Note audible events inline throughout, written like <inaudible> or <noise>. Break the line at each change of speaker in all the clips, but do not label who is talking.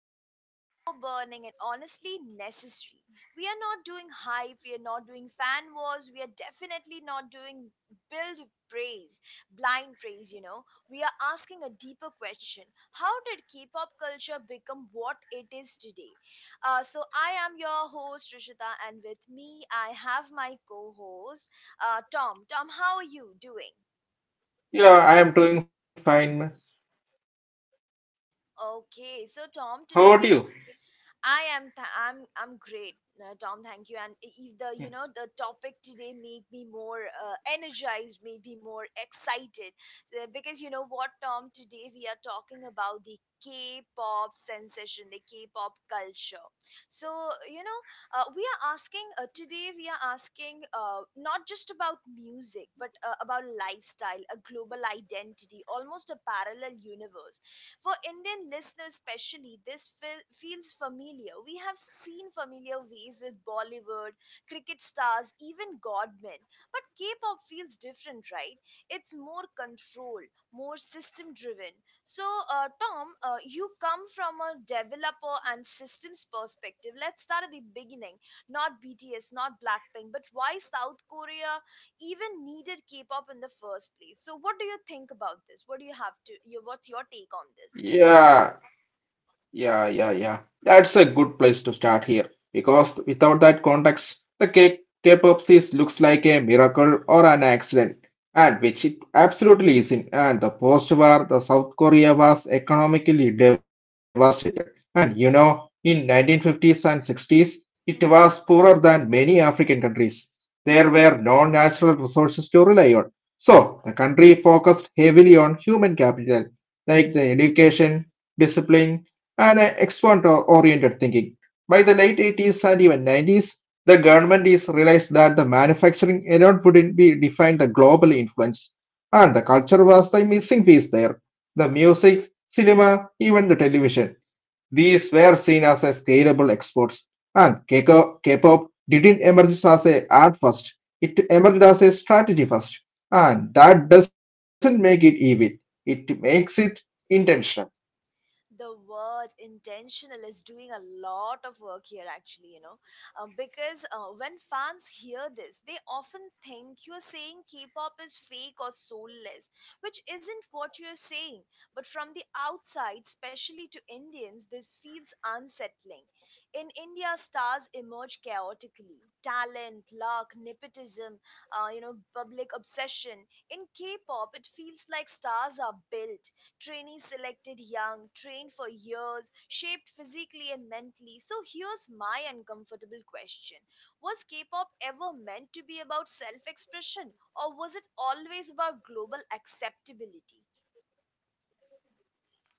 laid, slow burning, and honestly necessary. We are not doing hype, we are not doing fan wars, we are definitely not doing build praise, blind praise. We are asking a deeper question. How did K pop culture become what it is today? I am your host, Rishita, and with me, I have my co host, Tom. Tom, how are you doing?
Yeah, I am doing fine.
Okay, so
How about
Tom,
you?
today we I am th- I'm great, Tom. Thank you. And if the you know the topic today made me more energized, made me more excited. Because you know what, Tom? Today we are talking about the K-pop sensation, the K-pop culture. So you know, we are asking today. We are asking not just about music, but about lifestyle, a global identity, almost a parallel universe for Indian listeners, especially. This feels familiar. We have seen familiar waves with Bollywood, cricket stars, even godmen. But K pop feels different, right? It's more controlled, more system driven. So, Tom, you come from a developer and systems perspective. Let's start at the beginning. Not BTS, not Blackpink, but why South Korea even needed K-pop in the first place. So what do you think about this? What do you have to? Your, What's your take on this?
Yeah, yeah, yeah, yeah. That's a good place to start here because without that context, the K-pop series looks like a miracle or an accident, and which it absolutely isn't. And the post-war, the South Korea was economically devastated, and you know, in 1950s and 60s, it was
hmm
poorer than many African countries. There were no natural resources to rely on, so the country focused heavily on human capital, like the education, discipline and export-oriented thinking. By the late 80s and even 90s, the government is realized that the manufacturing alone wouldn't be defined the global influence, and the culture was the missing piece there. The music, cinema, even the television. These were seen as a scalable exports, and K-pop didn't emerge as a art first. It emerged as a strategy first, and that doesn't make it evil. It makes it intentional.
the word intentional is doing a lot of work here, actually, you know, because when fans hear this, they often think you're saying K-pop is fake or soulless, which isn't what you're saying. But from the outside, especially to Indians, this feels unsettling. In India, stars emerge chaotically: talent, luck, nepotism, you know, public obsession. In K-pop, it feels like stars are built. Trainees selected young, trained for years, shaped physically and mentally. So here's my uncomfortable question. Was K pop ever meant to be about self expression, or was it always about global acceptability?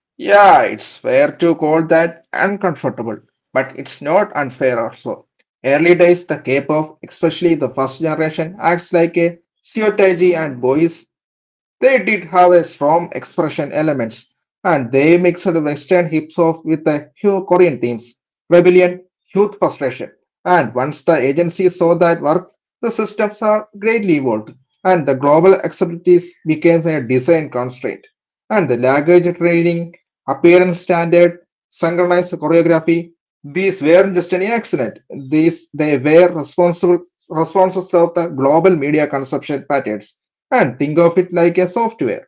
Yeah, it's fair to call that uncomfortable, but it's not unfair also. Early days, the K-pop, especially the first generation, acts like a stereotype and boys. They did have a strong expression elements, and they mixed Western hip hop with the few Korean themes, rebellion, youth frustration. And once the agency saw that work, the systems are greatly evolved, and the global acceptabilities became a design constraint and the language training, appearance standard, synchronized choreography. These weren't just any accident. These They were responsible responses of the global media consumption patterns. And think of it like a software.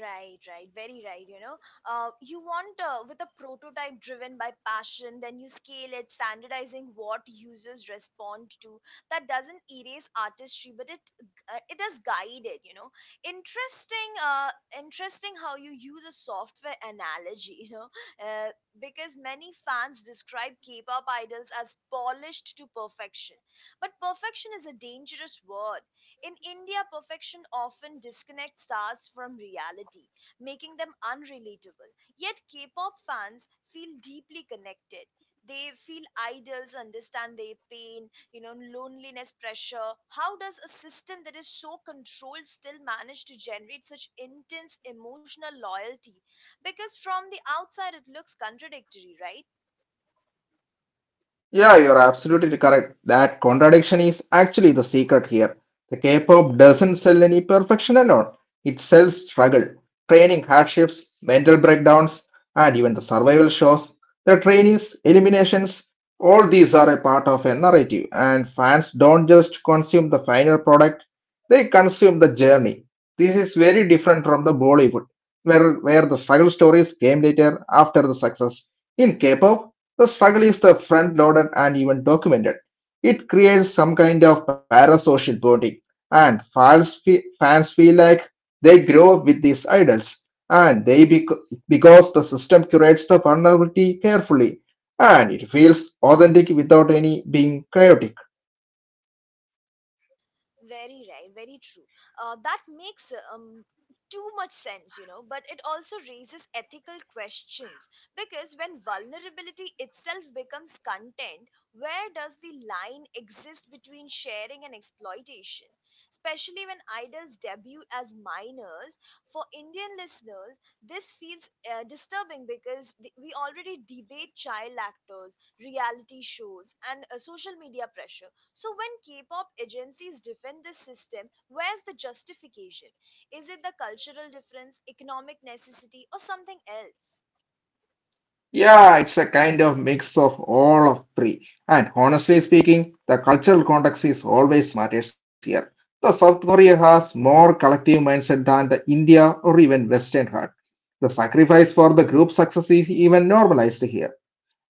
Right, right, very right. You know, you want with a prototype driven by passion, then you scale it, standardizing what users respond to. That doesn't erase artistry, but it does guide it. You know, interesting, uh, interesting how you use a software analogy. Uh, because many fans describe K-pop idols as polished to perfection, but perfection is a dangerous word. In India, perfection often disconnects stars from reality, making them unrelatable. Yet, K pop fans feel deeply connected. They feel idols understand their pain, you know, loneliness, pressure. How does a system that is so controlled still manage to generate such intense emotional loyalty? Because from the outside, it looks contradictory, right?
Yeah, you're absolutely correct. That contradiction is actually the secret here. The K-pop doesn't sell any perfection alone. It sells struggle, training hardships, mental breakdowns, and even the survival shows. The trainees, eliminations, all these are a part of a narrative, and fans don't just consume the final product, they consume the journey. This is very different from the Bollywood, where the struggle stories came later after the success. In K-pop, the struggle is the front loaded and even documented. It creates some kind of parasocial bonding, and fans feel like they grow up with these idols, and because the system curates the vulnerability carefully, and it feels authentic without any being chaotic.
Very right, very true. That makes too much sense, you know, but it also raises ethical questions, because when vulnerability itself becomes content, where does the line exist between sharing and exploitation? Especially when idols debut as minors. For Indian listeners, this feels disturbing because we already debate child actors, reality shows, and social media pressure. So when K-pop agencies defend this system, where's the justification? Is it the cultural difference, economic necessity, or something else?
Yeah, it's a kind of mix of all of three. And honestly speaking, the cultural context is always matters here. The South Korea has more collective mindset than the India or even Western heart. The sacrifice for the group success is even normalized here.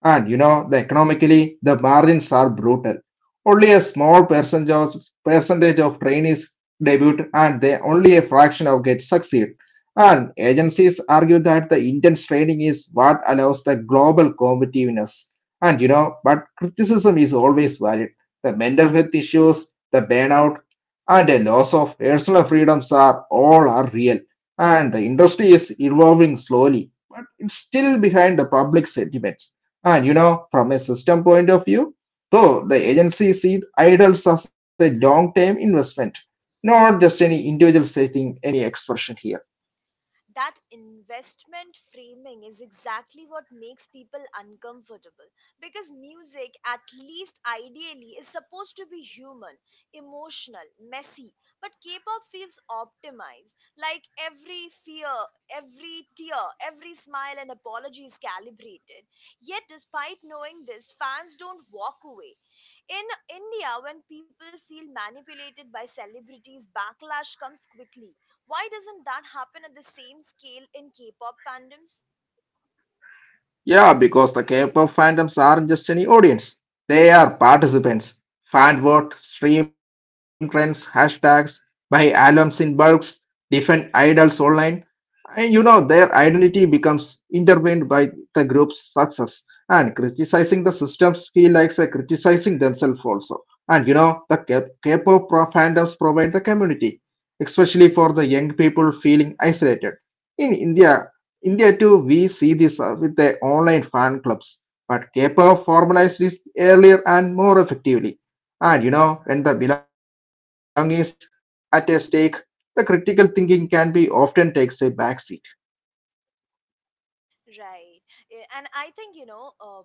And you know, the economically, the margins are brutal. Only a small percentage of, Percentage of trainees debut and they only a fraction of get succeed. And agencies argue that the intense training is what allows the global competitiveness. And you know, but criticism is always valid. The mental health issues, the burnout, and a loss of personal freedoms are all are real. And the industry is evolving slowly, but it's still behind the public sentiments and you know, from a system point of view, though the agency sees idols as a long-term investment, not just any individual setting any expression here.
That investment framing is exactly what makes people uncomfortable, because music, at least ideally, is supposed to be human, emotional, messy. But K-pop feels optimized, like every fear, every tear, every smile and apology is calibrated. Yet despite knowing this, fans don't walk away. In India, when people feel manipulated by celebrities, backlash comes quickly. Why doesn't that happen at the same scale in K-pop fandoms?
Yeah, because the K-pop fandoms aren't just any audience. They are participants. Fan vote, stream trends, hashtags, buy albums in bulks, defend idols online. And you know, their identity becomes intertwined by the group's success. And criticizing the systems feel like they're criticizing themselves also. And you know, the K-pop fandoms provide the community, especially for the young people feeling isolated. In India, India too, we see this with the online fan clubs, but K-pop formalized it earlier and more effectively. And you know, when the belonging is at a stake, the critical thinking can be often takes a backseat.
Right. And I think, you know,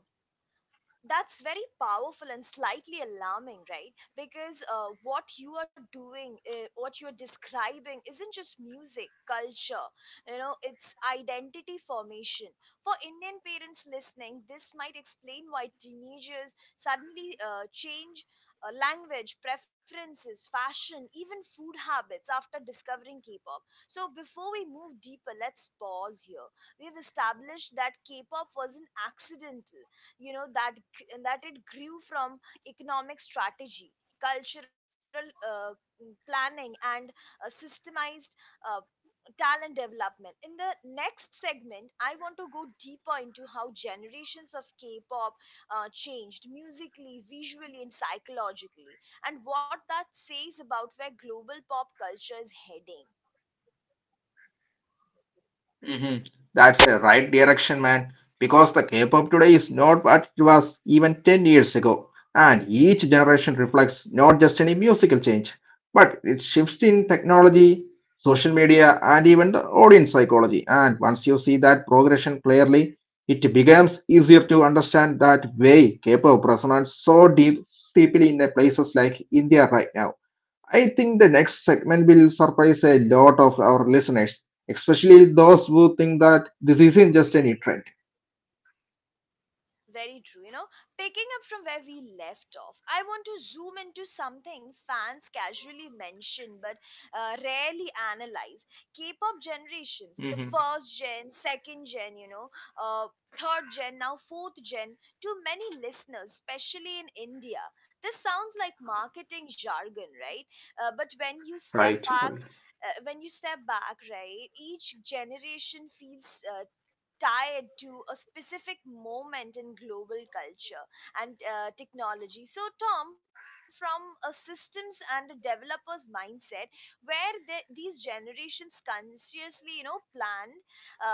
that's very powerful and slightly alarming, right? Because what you are describing isn't just music culture, you know, it's identity formation. For Indian parents listening, this might explain why teenagers suddenly change language preferences, fashion, even food habits after discovering K-pop. So before we move deeper, let's pause here. We've established that K-pop wasn't accidental. You know, that it grew from economic strategy, cultural planning, and systemized uh, talent development. In the next segment, I want to go deeper into how generations of K-pop changed musically, visually, and psychologically, and what that says about where global pop culture is heading.
Hmm. That's a right direction, man. Because the K-pop today is not what it was even 10 years ago. And each generation reflects not just any musical change, but it shifts in technology, social media, and even the audience psychology. And once you see that progression clearly, it becomes easier to understand that way K-pop resonates deeply in the places like India right now. I think the next segment will surprise a lot of our listeners, especially those who think
Right.
that this isn't just any trend.
Very true. You know, picking up from where we left off, I want to zoom into something fans casually mention but rarely analyze. K pop generations, the
Hmm.
first gen, second gen, you know, uh, third gen, now fourth gen. To many listeners, especially in India, this sounds like marketing jargon, right? Uh, but when you step
Right.
back, uh, when you step back, right, each generation feels tied to a specific moment in global culture and technology. So, Tom, from a systems and a developer's mindset, where the these generations consciously, you know, planned uh,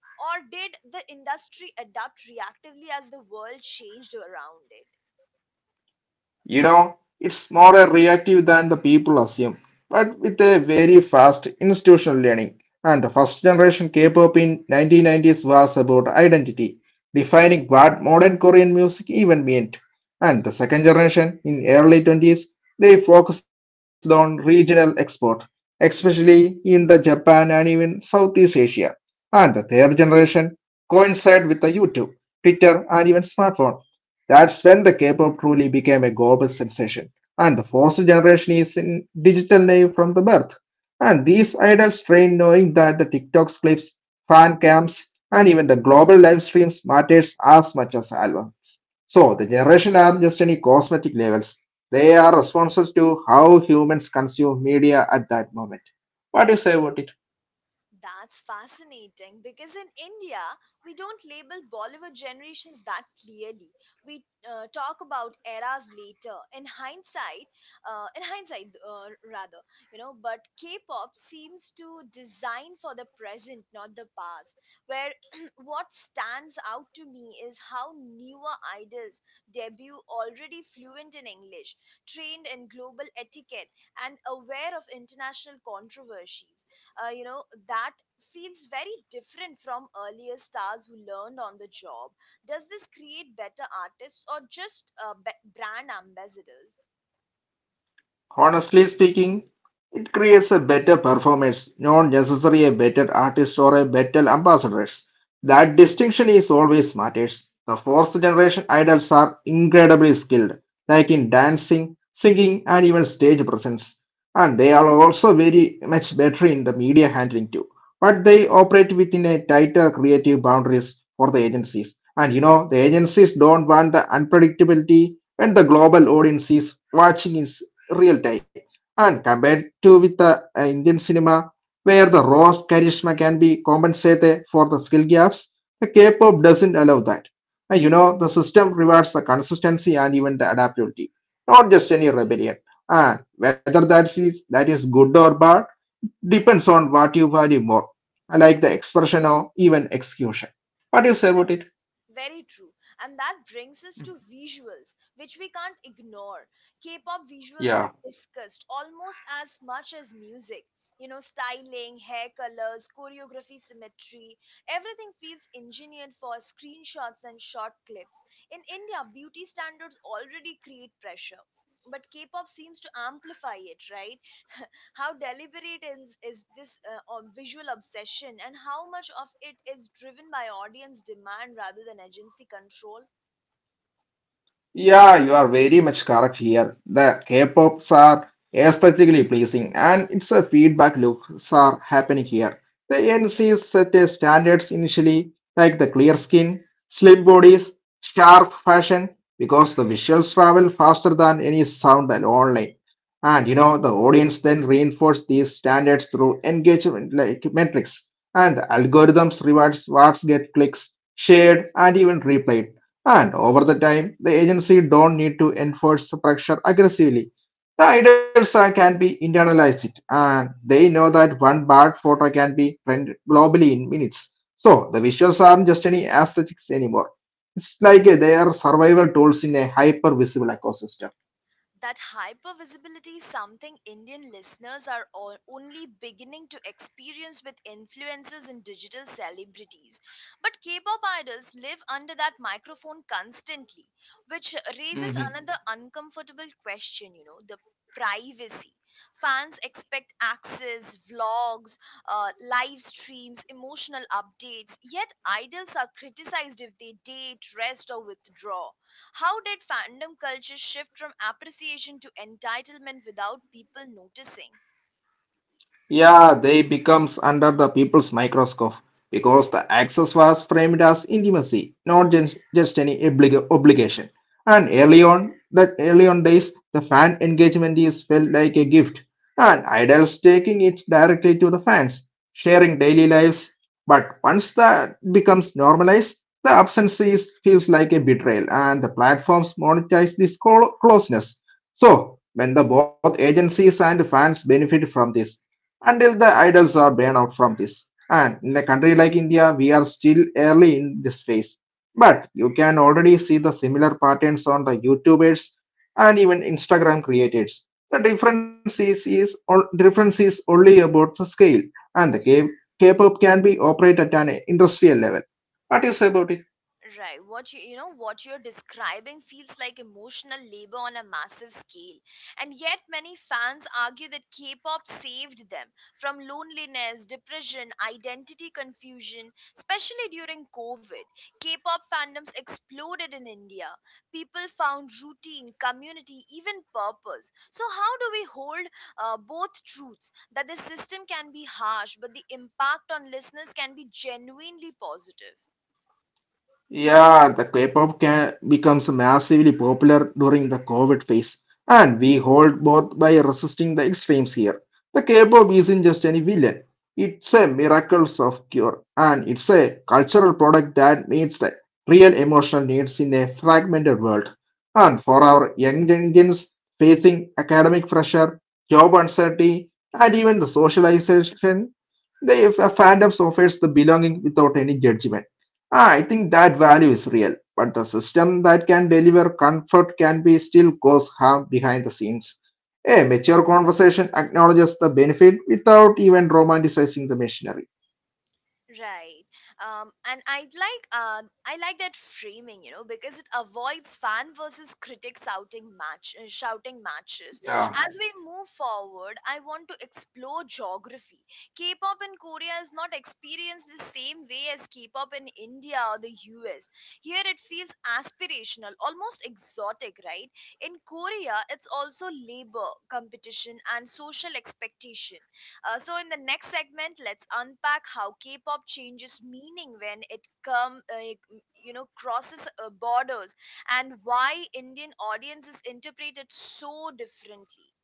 or did the industry adapt reactively as the world changed around it?
You know, it's more a reactive than the people assume, but with a very fast institutional learning. And the first generation K-pop in 1990s was about identity, defining what modern Korean music even meant. And the second generation in early 20s, they focused on regional export, especially in the Japan and even Southeast Asia. And the third generation coincided with the YouTube, Twitter, and even smartphone. That's when the K-pop truly became a global sensation. And the fourth generation is in digital naive from the birth. And these idols train knowing that the TikTok clips, fan cams, and even the global live streams matters as much as albums. So the generation aren't just any cosmetic labels. They are responses to how humans consume media at that moment. What do you say about it?
That's fascinating because in India, we don't label Bollywood generations that clearly. We talk about eras later. In hindsight, rather, you know, but K pop seems to design for the present, not the past. Where <clears throat> What stands out to me is how newer idols debut already fluent in English, trained in global etiquette, and aware of international controversies. Uh, you know that feels very different from earlier stars who learned on the job. Does this create better artists or just brand ambassadors?
Honestly speaking, it creates a better performance, not necessarily a better artist or a better ambassadors. That distinction is always matters. The fourth generation idols are incredibly skilled, like in dancing, singing, and even stage presence. And they are also very much better in the media handling too. But they operate within a tighter creative boundaries for the agencies. And you know, the agencies don't want the unpredictability when the global audience is watching it real time. And compared to with the Indian cinema, where the raw charisma can be compensated for the skill gaps, the K-pop doesn't allow that. And you know, the system rewards the consistency and even the adaptability, not just any rebellion. And whether that is good or bad depends on what you value more, like the expression or even execution. What do you say about it?
Very true. And that brings us to visuals, which we can't ignore. K pop visuals are
Yeah.
discussed almost as much as music. You know, styling, hair colors, choreography, symmetry, everything feels engineered for screenshots and short clips. In India, beauty standards already create pressure. But K pop seems to amplify it, right? <laughs> How deliberate is this visual obsession, and how much of it is driven by audience demand rather than agency control?
Yeah, you are very much correct here. The K-pops are aesthetically pleasing, and it's a feedback loops are happening here. The NCs set a standards initially, like the clear skin, slim bodies, sharp fashion, because the visuals travel faster than any sound and online. And you know, the audience then reinforce these standards through engagement like metrics, and the algorithms rewards what's get clicks, shared, and even replayed and over the time, the agency don't need to enforce pressure aggressively. The can be internalized and they know that one bad photo can be trend globally in minutes. So the visuals aren't just any aesthetics anymore. It's like they are survival tools in a hyper visible ecosystem.
That hyper visibility is something Indian listeners are all only beginning to experience with influencers and digital celebrities. But K pop idols live under that microphone constantly, which raises another uncomfortable question, you know, the privacy. Fans expect access, vlogs, live streams, emotional updates, yet idols are criticized if they date, rest, or withdraw. How did fandom culture shift from appreciation to entitlement without people noticing?
Yeah, they becomes under the people's microscope because the access was framed as intimacy, not just, just any obligation. And early on days, the fan engagement is felt like a gift, and idols taking it directly to the fans, sharing daily lives. But once that becomes normalized, feels like a betrayal, and the platforms monetize this closeness. So, when the both agencies and fans benefit from this until the idols are burned out from this. And in a country like India, we are still early in this phase. But you can already see the similar patterns on the YouTubers and even Instagram creators. The difference is only about the scale, and the K-pop can be operated at an industrial level. What do you say about it?
Right. What you're describing feels like emotional labor on a massive scale. And yet many fans argue that K-pop saved them from loneliness, depression, identity confusion, especially during COVID. K-pop fandoms exploded in India. People found routine, community, even purpose. So how do we hold both truths, that the system can be harsh but the impact on listeners can be genuinely positive?
Yeah, the K-pop can becomes massively popular during the COVID phase, and we hold both by resisting the extremes here. The K-pop isn't just any villain; it's a miracle of cure, and it's a cultural product that meets the real emotional needs in a fragmented world. And for our young Indians facing academic pressure, job uncertainty, and even the socialization, the fandoms offers the belonging without any judgment. Ah, I think that value is real, but the system that can deliver comfort can be still cause harm behind the scenes. A mature conversation acknowledges the benefit without even romanticizing the machinery.
Right. And I like that framing, you know, because it avoids fan versus critic shouting matches.
Yeah.
As we move forward, I want to explore geography. K-pop in Korea is not experienced the same way as K-pop in India or the US. Here it feels aspirational, almost exotic, right? In Korea, it's also labor, competition, and social expectation. So in the next segment, let's unpack how K-pop changes meaning when you know, crosses borders, and why Indian audiences interpret it so differently.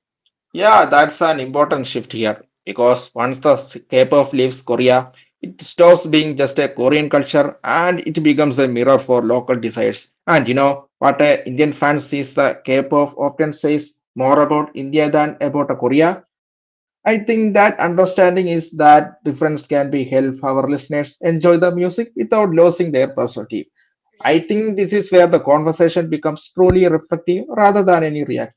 Yeah, that's an important shift here because once the K-pop leaves Korea, it stops being just a Korean culture and it becomes a mirror for local desires. And you know what a Indian fan sees the K-pop often says more about India than about a Korea. I think that understanding is that difference can be help our listeners enjoy the music without losing their perspective. I think this
Right.
is where the conversation becomes truly reflective rather than any reactive.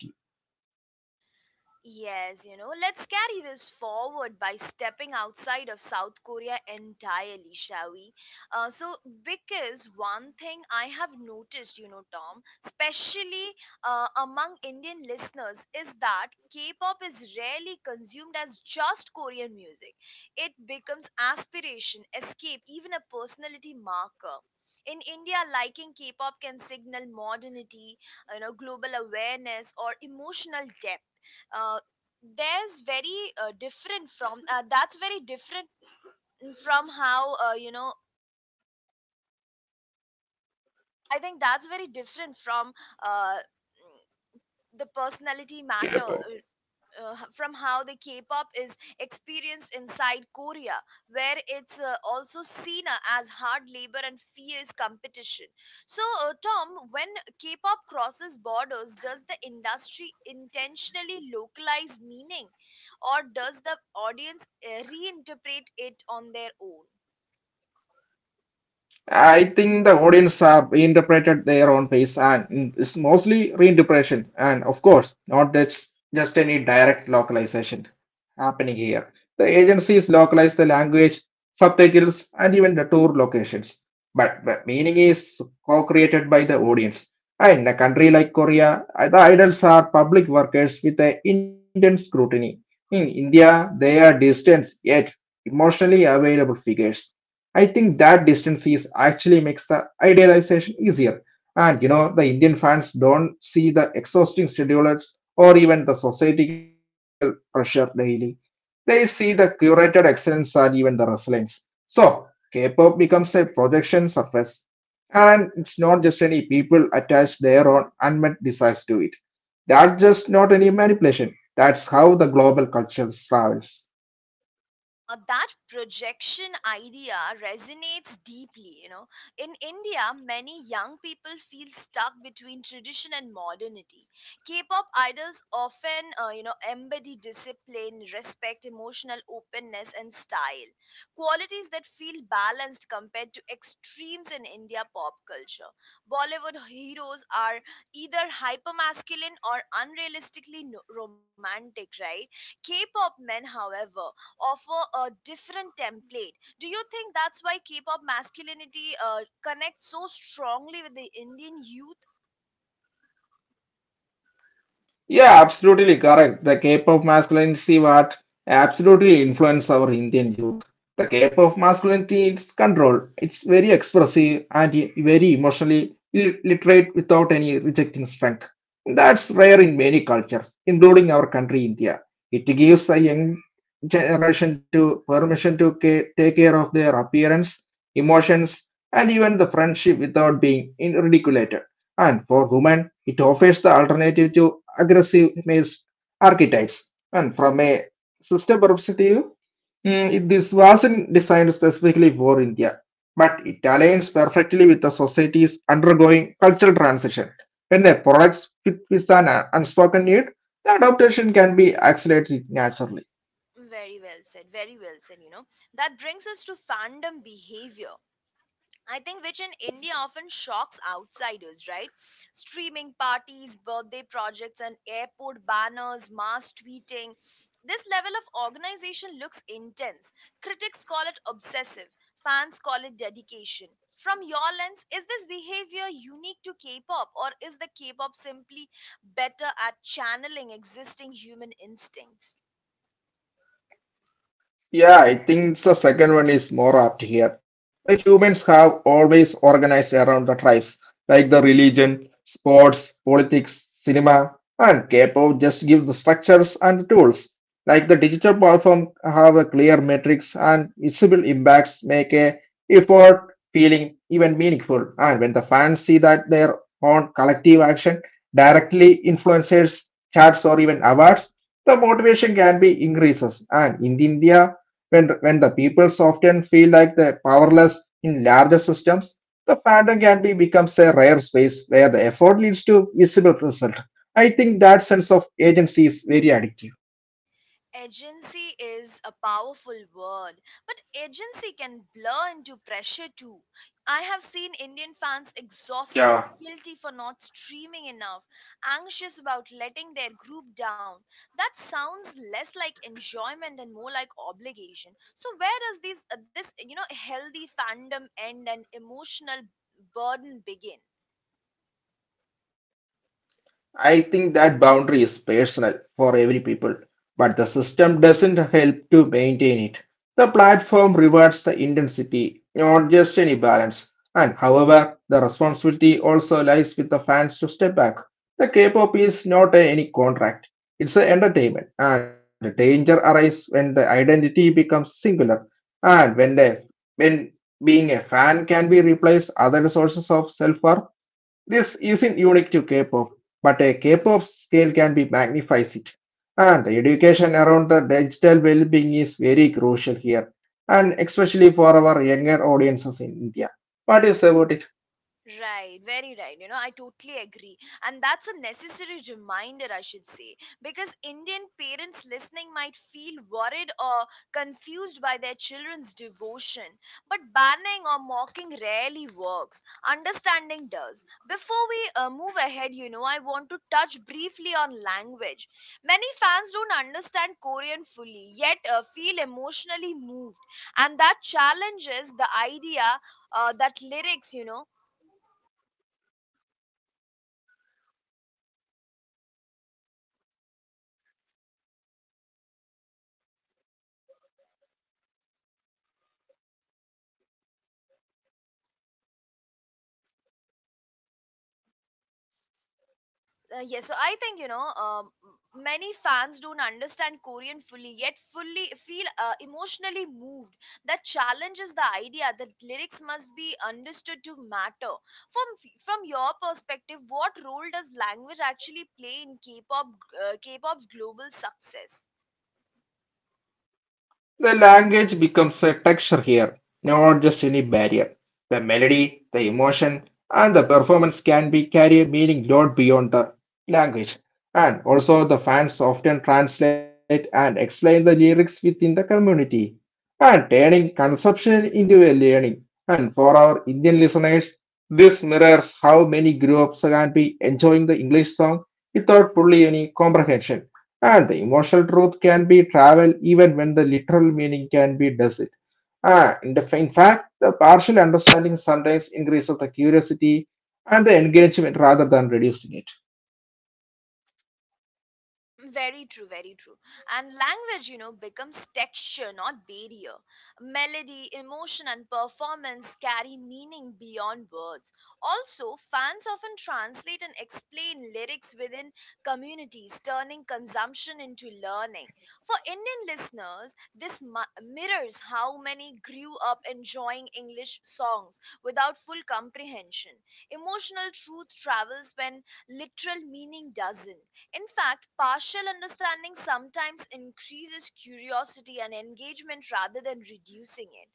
Yes, you know, let's carry this forward by stepping outside of South Korea entirely, shall we? Uh, so, because one thing I have noticed, you know, Tom, especially among Indian listeners, is that K pop is rarely consumed as just Korean music. It becomes aspiration, escape, even a personality marker. In India, liking K pop can signal modernity, you know, global awareness, or emotional depth. Uh, there's very different from that's very different from how you know I think that's very different from uh, the personality matter h- From how the K-pop is experienced inside Korea, where it's also seen as hard labor and fierce competition. So, Tom, when K-pop crosses borders, does the industry intentionally localize meaning, or does the audience reinterpret it on their own?
I think the audience have interpreted their own face and it's mostly reinterpretation and of course not just any direct localization happening here. The agencies localize the language, subtitles and even the tour locations. But the meaning is co-created by the audience. And in a country like Korea, the idols are public workers with an intense scrutiny. In India, they are distant yet emotionally available figures. I think that distance is actually makes the idealization easier. And you know, the Indian fans don't see the exhausting schedulers or even the societal pressure daily. They see the curated excellence and even the resilience. So K-pop becomes a projection surface. And it's not just any people attach their own unmet desires to it. That's just not any manipulation. That's how the global culture travels.
That projection idea resonates deeply, you know. In India, many young people feel stuck between tradition and modernity. K-pop idols often you know, embody discipline, respect, emotional openness, and style, qualities that feel balanced compared to extremes in India pop culture. Bollywood heroes are either hyper masculine or unrealistically no- romantic, right? K-pop men, however, offer a different template. Do you think that's why K-pop masculinity connects so strongly with the Indian youth?
Yeah, absolutely correct. The Cape of masculinity what absolutely influenced our Indian youth. The Cape of masculinity is control. It's very expressive and very emotionally literate without any rejecting strength. That's rare in many cultures, including our country India. It gives a young generation to permission to take care of their appearance, emotions, and even the friendship without being ridiculed. And for women, it offers the alternative to aggressive male archetypes. And from a system perspective, this wasn't designed specifically for India, but it aligns perfectly with the societies undergoing cultural transition. When the products fit with an unspoken need, the adaptation can be accelerated naturally.
Very well said. Very well said. You know, that brings us to fandom behavior, I think, which in India often shocks outsiders, right? Streaming parties, birthday projects, and airport banners, mass tweeting. This level of organization looks intense. Critics call it obsessive, fans call it dedication. From your lens, is this behavior unique to K pop, or is the K pop simply better at channeling existing human instincts?
Yeah, I think the second one is more apt here. The humans have always organized around the tribes, like the religion, sports, politics, cinema, and K-pop just gives the structures and the tools. Like the digital platform have a clear metrics and visible impacts make a effort feeling even meaningful. And when the fans see that their own collective action directly influences charts or even awards, the motivation can be increases. And in India, when the peoples often feel like they're powerless in larger systems, the pattern can be becomes a rare space where the effort leads to visible result. I think that sense of agency is very addictive.
Agency is a powerful word, but agency can blur into pressure too. I have seen Indian fans
Yeah.
exhausted, guilty for not streaming enough, anxious about letting their group down. That sounds less like enjoyment and more like obligation. So where does this healthy fandom end and emotional burden begin?
I think that boundary is personal for every people, but the system doesn't help to maintain it. The platform rewards the intensity, not just any balance. And however, the responsibility also lies with the fans to step back. The K-pop is not any contract. It's an entertainment, and the danger arises when the identity becomes singular, and when being a fan can be replaced other sources of self-worth. This isn't unique to K-pop, but a K-pop scale can be magnifies it. And the education around the digital well-being is very crucial here, and especially for our younger audiences in India. What do you say about it?
Right, very right. You know, I totally agree. And that's a necessary reminder, I should say, because Indian parents listening might feel worried or confused by their children's devotion. But banning or mocking rarely works. Understanding does. Before we move ahead, you know, I want to touch briefly on language. Many fans don't understand Korean fully, yet feel emotionally moved. And that challenges the idea that lyrics, you know, Yes, so I think many fans don't understand Korean fully, yet fully feel emotionally moved. That challenges the idea that lyrics must be understood to matter. From from your perspective, what role does language actually play in K-pop's global success?
The language becomes a texture here, not just any barrier. The melody, the emotion, and the performance can be carry a meaning lot beyond the language. And also, the fans often translate and explain the lyrics within the community, and turning consumption into a learning. And for our Indian listeners, this mirrors how many groups can be enjoying the English song without fully any comprehension. And the emotional truth can be traveled even when the literal meaning can be does it. In fact, the partial understanding sometimes increases the curiosity and the engagement rather than reducing it.
<clears throat> Very true, very true. And language, you know, becomes texture, not barrier. Melody, emotion, and performance carry meaning beyond words. Also, fans often translate and explain lyrics within communities, turning consumption into learning. For Indian listeners, this mirrors how many grew up enjoying English songs without full comprehension. Emotional truth travels when literal meaning doesn't. In fact, partial understanding sometimes increases curiosity and engagement rather than reducing it.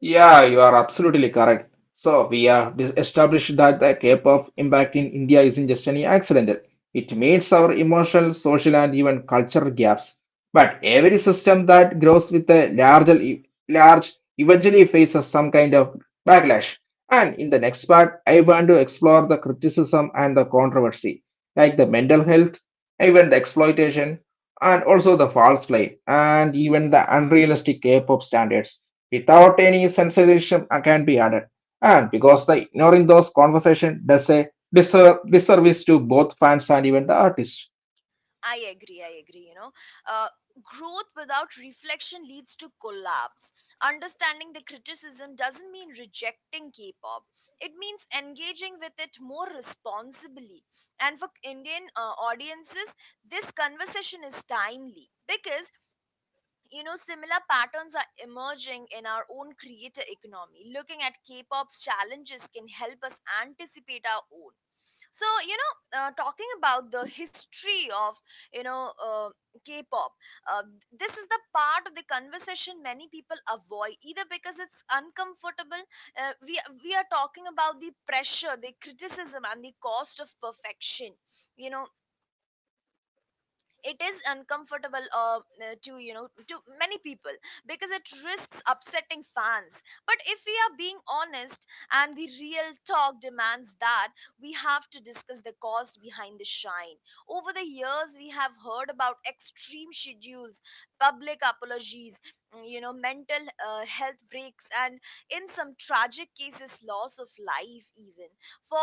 Yeah, you are absolutely correct. So we have established that the Cape of impact in India isn't just any accidental. It meets our emotional, social, and even cultural gaps. But every system that grows with a larger, large eventually faces some kind of backlash. And in the next part, I want to explore the criticism and the controversy, like the mental health, even the exploitation, and also the false claim, and even the unrealistic K-pop standards without any censorship can be added. And because the ignoring those conversation does a disservice to both fans and even the artist.
I agree, I agree. You know, uh, growth without reflection leads to collapse. Understanding the criticism doesn't mean rejecting K pop, it means engaging with it more responsibly. And for Indian audiences, this conversation is timely because, you know, similar patterns are emerging in our own creator economy. Looking at k-pop's challenges can help us anticipate our own. So, you know, talking about the history of, you know uh, k-pop, uh, this is the part of the conversation many people avoid either because it's uncomfortable. Uh, we we are talking about the pressure, the criticism, and the cost of perfection. You know, it is uncomfortable, to you know to many people, because it risks upsetting fans. But if we are being honest, and the real talk demands that, we have to discuss the cost behind the shine. Over the years we have heard about extreme schedules, public apologies, you know, mental health breaks, and in some tragic cases loss of life even. For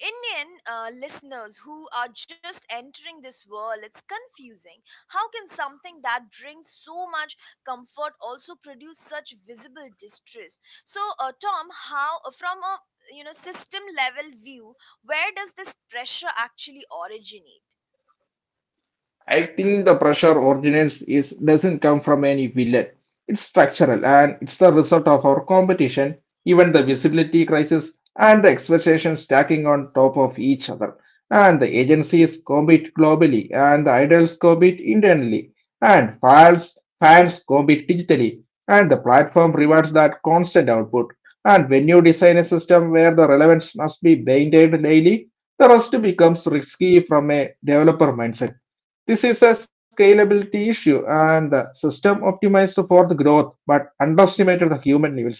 Indian listeners who are just entering this world, it's confusing. How can something that brings so much comfort also produce such visible distress? So, Tom, how, from a, you know, system level view, where does this pressure actually originate?
I think the pressure ordinance is doesn't come from any villain. It's structural and it's the result of our competition, even the visibility crisis and the expectations stacking on top of each other. And the agencies compete globally and the idols compete internally and fans compete digitally and the platform rewards that constant output. And when you design a system where the relevance must be maintained daily, the rest becomes risky from a developer mindset. This is a scalability issue, and the system optimized for the growth but underestimated the human needs.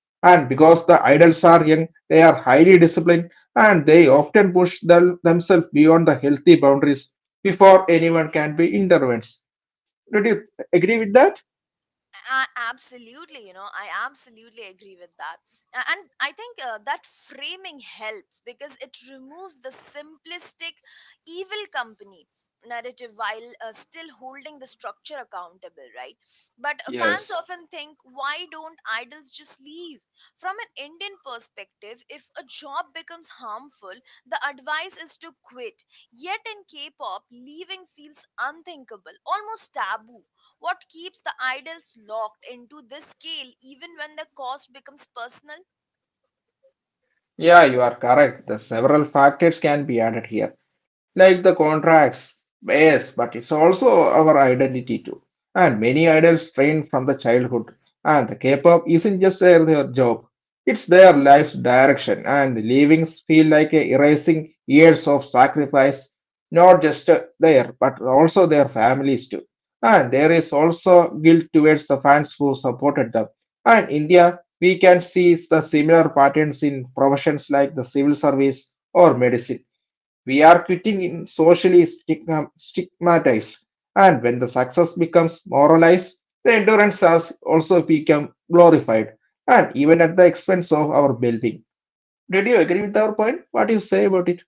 And because the idols are young, they are highly disciplined and they often push themselves beyond the healthy boundaries before anyone can be intervened. Did you agree with that?
I, absolutely, you know, I absolutely agree with that. And I think that framing helps because it removes the simplistic evil company narrative while still holding the structure accountable, right? But fans
Yes.
often think, why don't idols just leave? From an Indian perspective, if a job becomes harmful, the advice is to quit. Yet in K pop, leaving feels unthinkable, almost taboo. What keeps the idols locked into this scale even when the cost becomes personal?
Yeah, you are correct. The several factors can be added here, like the contracts, yes, but it's also our identity too. And many idols trained from the childhood. And the K-pop isn't just their job; it's their life's direction. And the leavings feel like a erasing years of sacrifice, not just their, but also their families too. And there is also guilt towards the fans who supported them. And India we can see the similar patterns in professions like the civil service or medicine. We are quitting in socially stigmatized, and when the success becomes moralized, the endurance has also become glorified, and even at the expense of our well-being. Did you agree with our point? What do you say about it?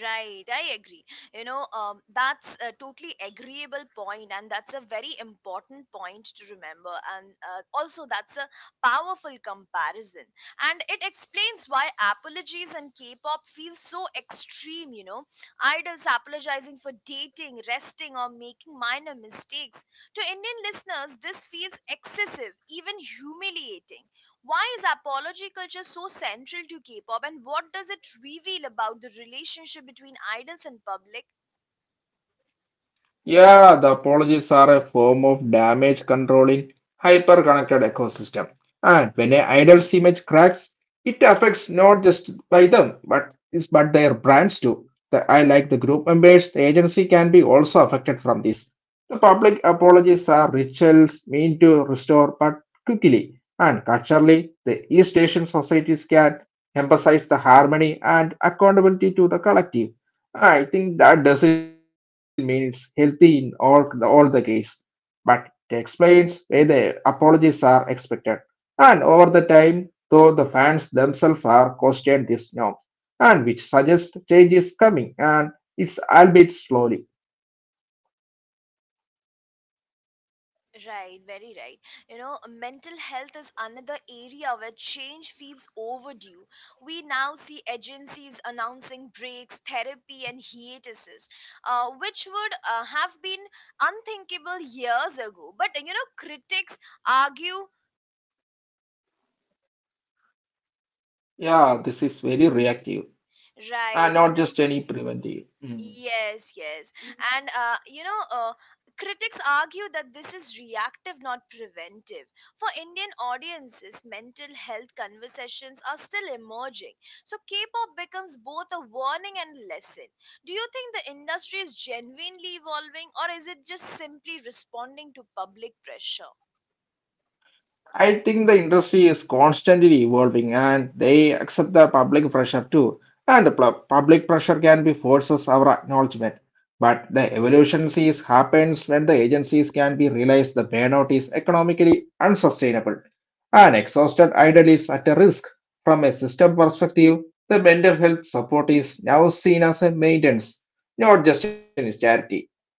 Right, I agree. You know, that's a totally agreeable point, and that's a very important point to remember. And also, that's a powerful comparison. And it explains why apologies and K pop feel so extreme, you know. Idols apologizing for dating, resting, or making minor mistakes. To Indian listeners, this feels excessive, even humiliating. Why is apology culture so central to K-pop, and what does it reveal about the relationship between idols and public?
Yeah, the apologies are a form of damage controlling hyper-connected ecosystem. And when a idol's image cracks, it affects not just by them, but it's but their brands too. The I like the group members, the agency can be also affected from this. The public apologies are rituals meant to restore but quickly and culturally the East Asian societies can emphasize the harmony and accountability to the collective. I think that doesn't mean it's healthy in all the case, but it explains why the apologies are expected. And over the time, though the fans themselves are questioned these norms, and which suggests change is coming, and it's albeit slowly.
Right, very right. You know, mental health is another area where change feels overdue. We now see agencies announcing breaks, therapy, and hiatuses, which would have been unthinkable years ago. But, you know, critics argue,
Yeah, this is very reactive
right,
and
you
not
know.
just any preventive.
Yes, yes. And, critics argue that this is reactive, not preventive. For Indian audiences, mental health conversations are still emerging. So K pop becomes both a warning and lesson. Do you think the industry is genuinely evolving, or is it just simply responding to public pressure?
I think the industry is constantly evolving and they accept the public pressure too. And the public pressure can be forces our acknowledgement. But the evolution sees happens when the agencies can be realized the burnout is economically unsustainable. And exhausted idle is at a risk. From a system perspective, the mental health support is now seen as a maintenance, not just an charity.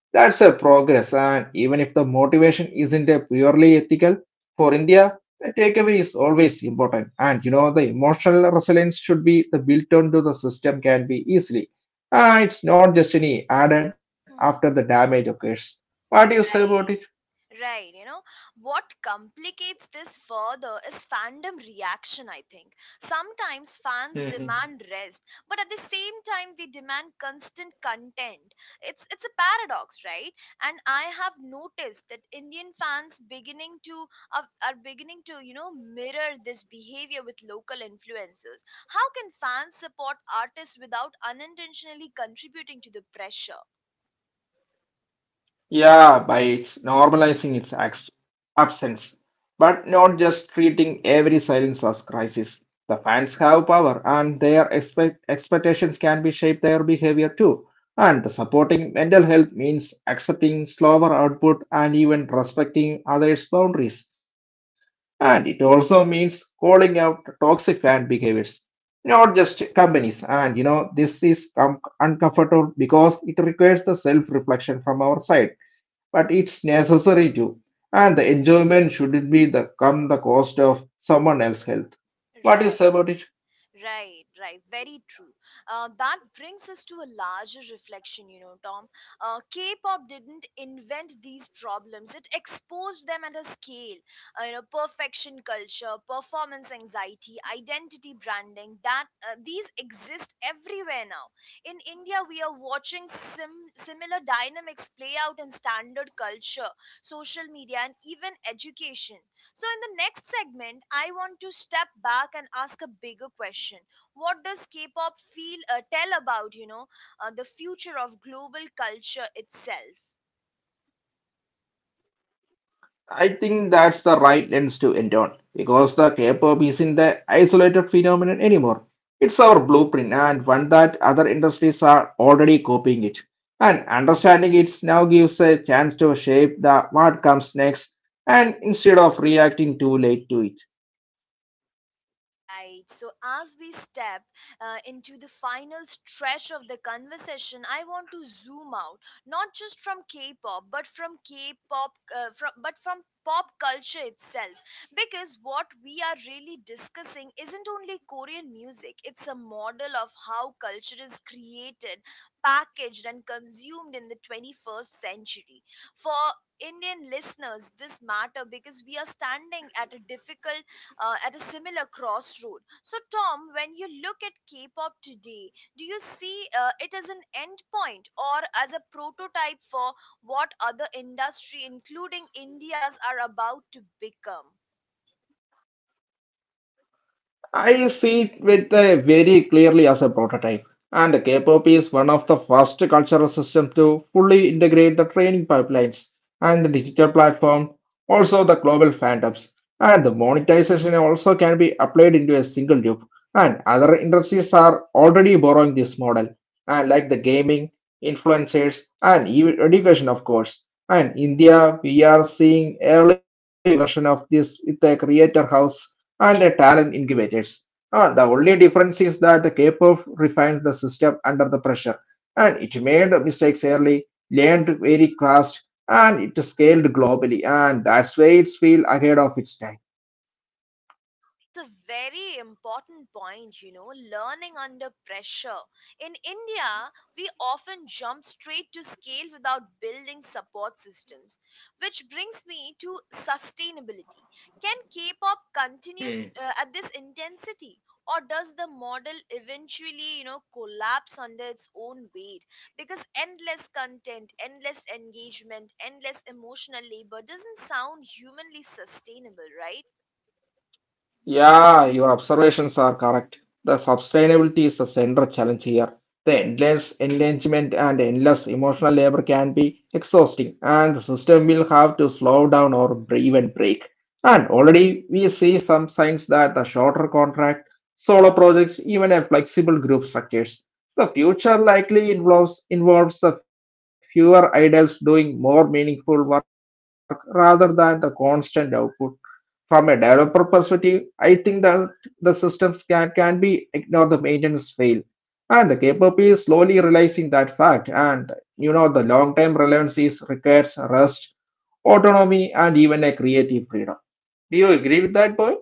That's a progress, and even if the motivation isn't a purely ethical, for India, the takeaway is always important, and you know, the emotional resilience should be the built onto the system can be easily. It's not just any added after the
Mhm.
damage occurs. What do you say about
Right. Right, you know, what complicates this further is fandom reaction, I think. Sometimes fans
it?
demand rest, but at the same time they demand constant content. It's a paradox, right? And I have noticed that Indian fans are beginning to, you know, mirror this behavior with local influencers. How can fans support artists without unintentionally contributing to the pressure?
Yeah, by its normalizing its absence, but not just treating every silence as crisis. The fans have power, and their expectations can be shape their behavior too. And the supporting mental health means accepting slower output and even respecting others' boundaries. And it also means calling out toxic fan behaviors, not just companies. And you know, this is uncomfortable because it requires the self-reflection from our side but it's necessary too. And the enjoyment shouldn't be the come the cost of someone else's health. What do you
Right.
say about it?
Right, right, very true. That brings us to a larger reflection, you know, Tom. K pop didn't invent these problems, it exposed them at a scale. You know, perfection culture, performance anxiety, identity branding, that these exist everywhere now. In India, we are watching similar dynamics play out in standard culture, social media, and even education. So, in the next segment, I want to step back and ask a bigger question. What does K-pop feel tell about, you know, the future of global culture itself?
I think that's the right lens to end on because the K-pop isn't the isolated phenomenon anymore. It's our blueprint and one that other industries are already copying it. And understanding it now gives a chance to shape the what comes next and instead of reacting too late to it.
Right. So, as we step into the final stretch of the conversation, I want to zoom out, not just from K-pop, but from K-pop, from but from pop culture itself, because what we are really discussing isn't only Korean music; it's a model of how culture is created, packaged, and consumed in the 21st century. For Indian listeners, this matter because we are standing at a difficult at a similar crossroad. So, Tom, when you look at K pop today, do you see it as an end point or as a prototype for what other industry, including India's, are about to become?
I see it with very clearly as a prototype, and K-pop is one of the first cultural systems to fully integrate the training pipelines and the digital platform, also the global fandoms, and the monetization also can be applied into a single loop. And other industries are already borrowing this model, and like the gaming, influencers, and even education, of course. And India, we are seeing early version of this with the Creator House and talent incubators. The only difference is that the K-pop refines the system under the pressure, and it made mistakes early, learned very fast, and it scaled globally, and that's why it's feel ahead of its time.
That's a very important point, you know, learning under pressure. In India, we often jump straight to scale without building support systems, which brings me to sustainability. Can K pop continue at this intensity? Or does the model eventually, you know, collapse under its own weight? Because endless content, endless engagement, endless emotional labor doesn't sound humanly sustainable, right?
Yeah, your observations are correct. The sustainability is the central challenge here. The endless engagement and endless emotional labor can be exhausting, and the system will have to slow down or even break. And already we see some signs that the shorter contract, solo projects, even a flexible group structures. The future likely involves the fewer idols doing more meaningful work rather than the constant output from a developer perspective, I think the systems can be ignore the maintenance fail. And the KPOP is slowly realizing that fact. And you know, the long term relevance is requires rest, autonomy, and even a creative freedom. Do you agree with that, boy?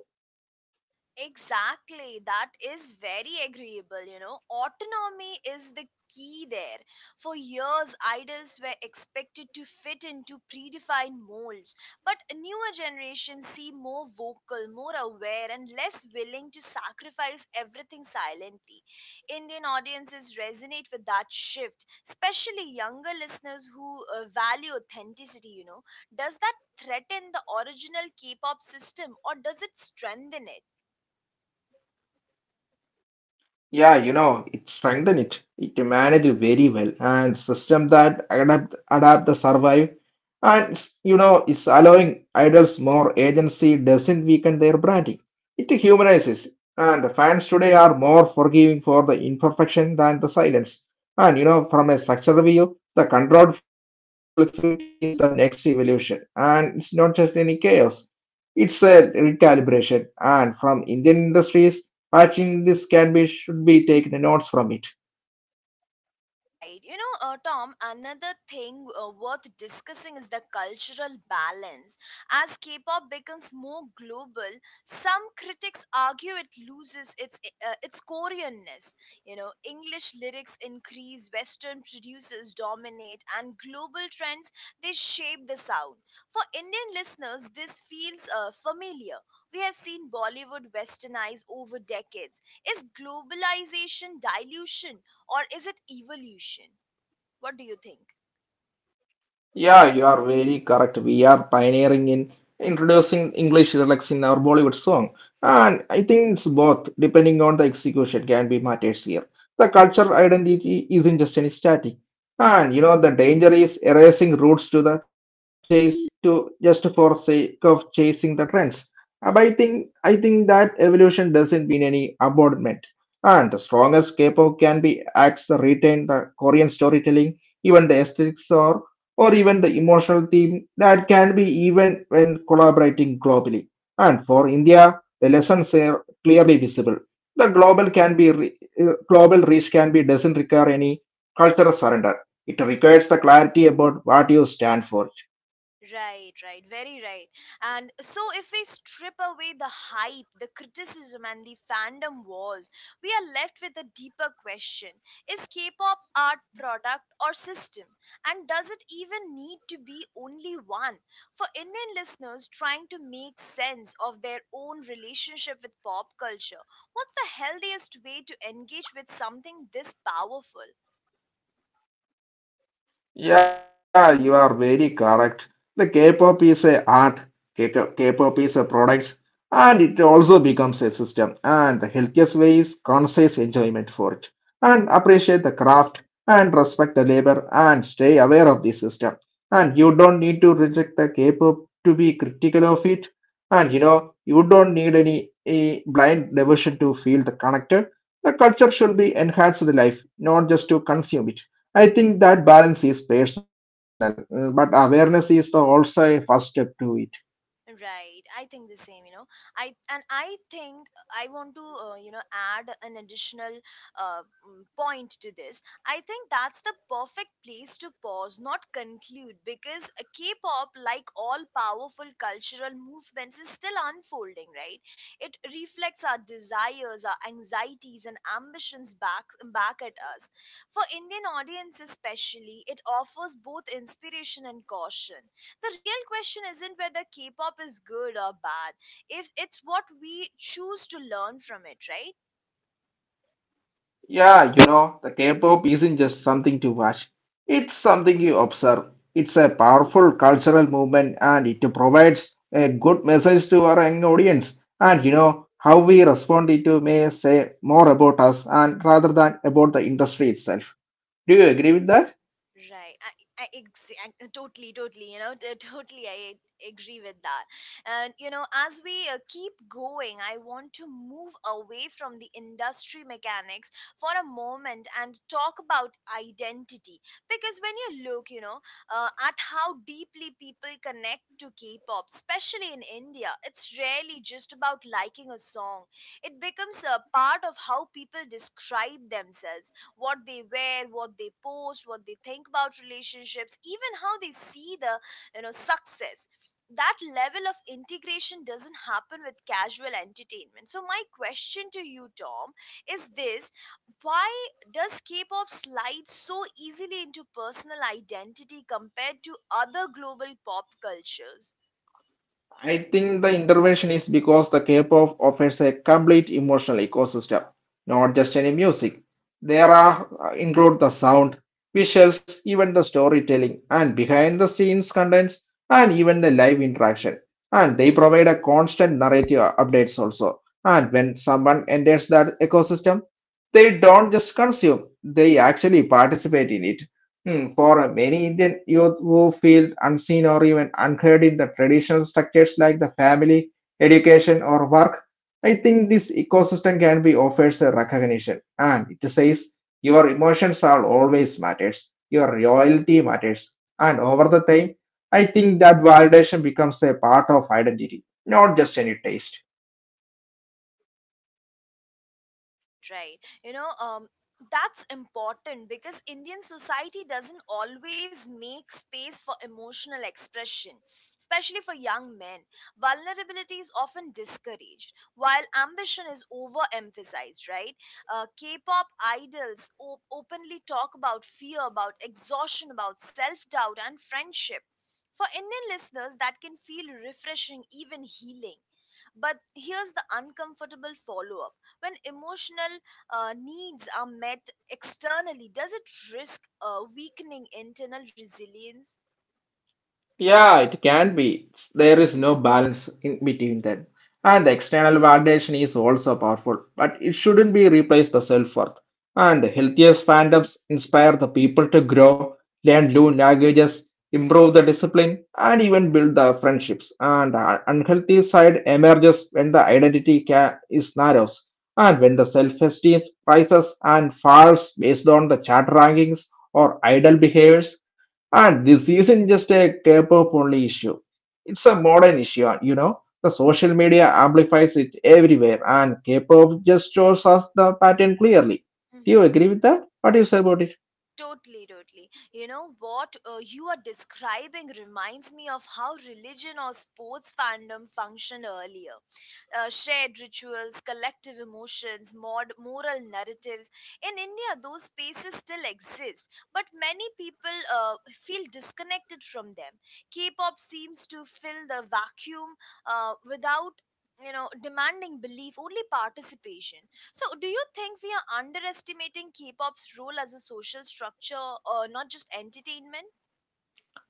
Exactly, that is very agreeable. You know, autonomy is the key there. For years, idols were expected to fit into predefined molds, but newer generations seem more vocal, more aware, and less willing to sacrifice everything silently. Indian audiences resonate with that shift, especially younger listeners who value authenticity. You know, does that threaten the original K pop system, or does it strengthen it?
Yeah, you know, it strengthen it. It manage very well and system that adapt the survive and you know it's allowing idols more agency doesn't weaken their branding. It humanizes and the fans today are more forgiving for the imperfection than the silence. And you know, from a structural view, the controlled flexibility is the next evolution, and it's not just any chaos. It's a recalibration, and from Indian industries, I think this can be should be taken notes from it.
Right. You know, Tom, another thing worth discussing is the cultural balance. As K pop becomes more global, some critics argue it loses its Koreanness. You know, English lyrics increase, Western producers dominate, and global trends they shape the sound. For Indian listeners, this feels familiar. We have seen Bollywood westernize over decades. Is globalization dilution, or is it evolution? What do you think?
Yeah, you are very correct. We are pioneering in introducing English lyrics in our Bollywood song. And I think it's both, depending on the execution, can be matters here. The cultural identity isn't just any static. And you know, the danger is erasing roots to the chase to just for sake of chasing the trends. But I think that evolution doesn't mean any abandonment. And the strongest K-pop can be acts retain the Korean storytelling, even the aesthetics or even the emotional theme that can be even when collaborating globally. And for India, the lessons are clearly visible. The global can be global reach can be doesn't require any cultural surrender. It requires the clarity about what you stand for.
Right, right, very right. And so, if we strip away the hype, the criticism, and the fandom wars, we are left with a deeper question. Is K pop art, product, or system? And does it even need to be only one? For Indian listeners trying to make sense of their own relationship with pop culture, what's the healthiest way to engage with something this powerful?
Yeah, you are very correct. The K-pop is a art, K- K-pop is a product, and it also becomes a system. And the healthiest way is conscious enjoyment for it, and appreciate the craft, and respect the labor, and stay aware of the system. And you don't need to reject the K-pop to be critical of it. And you know, you don't need any a blind devotion to feel the connected. The culture should be enhanced to the life, not just to consume it. I think that balance is personal, but awareness is the also a first step to it.
Right, I think the same, you know. I think I want to, you know, add an additional point to this. I think that's the perfect place to pause, not conclude, because K-pop, like all powerful cultural movements, is still unfolding. Right, it reflects our desires, our anxieties, and ambitions back at us. For Indian audience especially, it offers both inspiration and caution. The real question isn't whether K-pop is good or bad. If it's what we choose to learn from it, right?
Yeah, you know, the K-pop isn't just something to watch. It's something you observe. It's a powerful cultural movement, and it provides a good message to our young audience. And you know, how we respond it to may say more about us and rather than about the industry itself. Do you agree with that?
Right. I Exactly, totally, you know, <laughs> totally, I agree with that. And, you know, as we keep going, I want to move away from the industry mechanics for a moment and talk about identity. Because when you look, you know, at how deeply people connect to K pop, especially in India, it's rarely just about liking a song, it becomes a part of how people describe themselves, what they wear, what they post, what they think about relationships, even how they see the, you know, success. That level of integration doesn't happen with casual entertainment. So my question to you, Tom, is this: why does k-pop slide so easily into personal identity compared to other global pop cultures?
I think the intervention is because the K-pop offers a complete emotional ecosystem, not just any music. There are include the sound, visuals, even the storytelling, and behind the scenes contents, and even the live interaction. And they provide a constant narrative updates also. And when someone enters that ecosystem, they don't just consume; they actually participate in it. Hmm. For many Indian youth who feel unseen or even unheard in the traditional structures like the family, education, or work, I think this ecosystem can be offers a recognition. And it says your emotions are always matters, your loyalty matters, and over the time, I think that validation becomes a part of identity, not just any taste.
Right, right. You know, that's important because Indian society doesn't always make space for emotional expression, especially for young men. Vulnerability is often discouraged, while ambition is overemphasized, right? K pop idols openly talk about fear, about exhaustion, about self doubt, and friendship. For Indian listeners, that can feel refreshing, even healing. But here's the uncomfortable follow up, when emotional needs are met externally, does it risk weakening internal resilience?
Yeah, it can be. There is no balance in between them. And the external validation is also powerful, but it shouldn't be replaced the self-worth. And the healthiest fandoms inspire the people to grow, learn new languages, improve the discipline, and even build the friendships. And the unhealthy side emerges when the identity is narrows, and when the self-esteem rises and falls based on the chat rankings or idle behaviors, and this isn't just a K-pop only issue. It's a modern issue, and you know, the social media amplifies it everywhere, and
Right.
K-pop just shows us the pattern clearly. Do you
Mm-hmm.
agree with that? What do you say about it?
Totally, totally. What you are describing reminds me of how religion or sports fandom functioned earlier. Shared rituals, collective emotions, moral narratives. In India, those spaces still exist, but many people feel disconnected from them. K pop seems to fill the vacuum, without demanding belief, only participation. So do you think we are underestimating K-pop's role as a social structure or not just entertainment?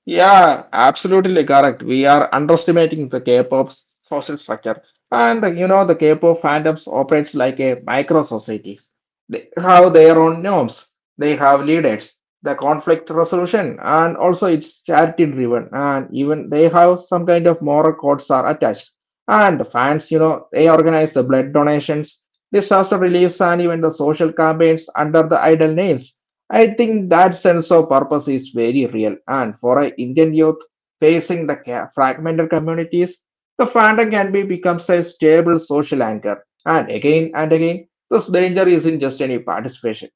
Yeah, absolutely correct. We are underestimating the K-pop's social structure. And you know, the K-pop fandoms operates like a micro societies. They have their own norms, they have leaders, the conflict resolution, and also it's charity driven. And even they have some kind of moral codes are attached. And the fans, you know, they organize the blood donations, disaster reliefs, and even the social campaigns under the idol names. I think that sense of purpose is very real, and for an Indian youth facing the fragmented communities, the fandom can be becomes a stable social anchor. And again, this danger isn't just any participation;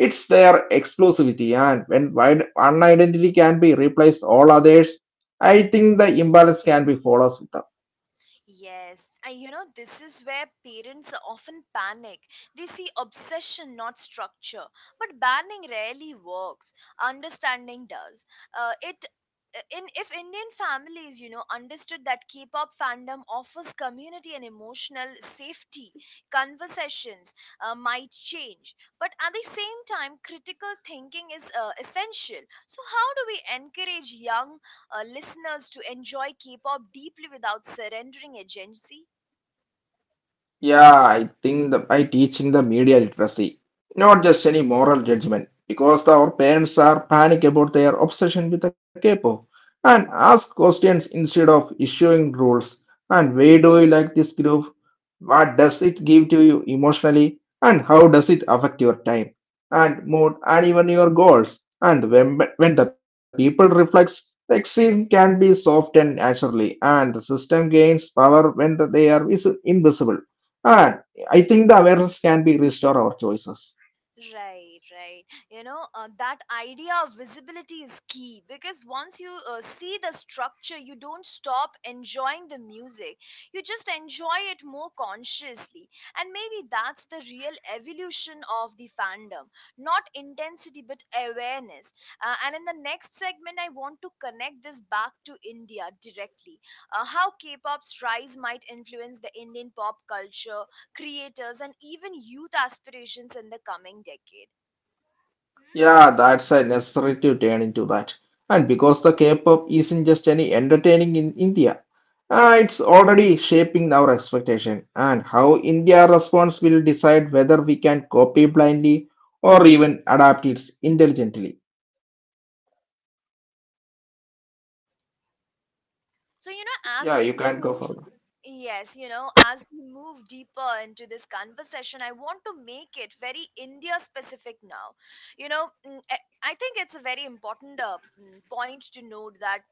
it's their exclusivity. And when wide, one identity can be replaced all others, I think the imbalance can be followed with them.
Yes, and you know, this is where parents often panic. They see obsession, not structure. But banning rarely works, understanding does. It in If Indian families, you know, understood that K-pop fandom offers community and emotional safety, conversations might change. But at the same time, critical thinking is essential. So how do we encourage young listeners to enjoy K pop deeply without surrendering agency?
Yeah, I think that by teaching the media literacy, not just any moral judgment, because our parents are panic about their obsession with the K-pop and ask questions instead of issuing rules. And why do you like this group? What does it give to you emotionally, and how does it affect your time and mood and even your goals? And when the people reflects, the extreme can be softened naturally, and the system gains power when they are invisible. And I think the awareness can be restore our choices.
Right, right. You know, that idea of visibility is key because once you see the structure, you don't stop enjoying the music. You just enjoy it more consciously. And maybe that's the real evolution of the fandom. Not intensity, but awareness. And in the next segment, I want to connect this back to India directly. How K pop's rise might influence the Indian pop culture, creators and even youth aspirations in the coming decade.
Yeah, that's a necessary to turn into that. And because the K-pop isn't just any entertaining in India, it's already shaping our expectation, and how India responds will decide whether we can copy blindly or even adapt it intelligently.
So you know as
Yeah,
we
you can go
move
further.
Yes, you know, as we move deeper into this conversation, I want to make it very India specific now. you know mm, i I think it's a very important, point to note that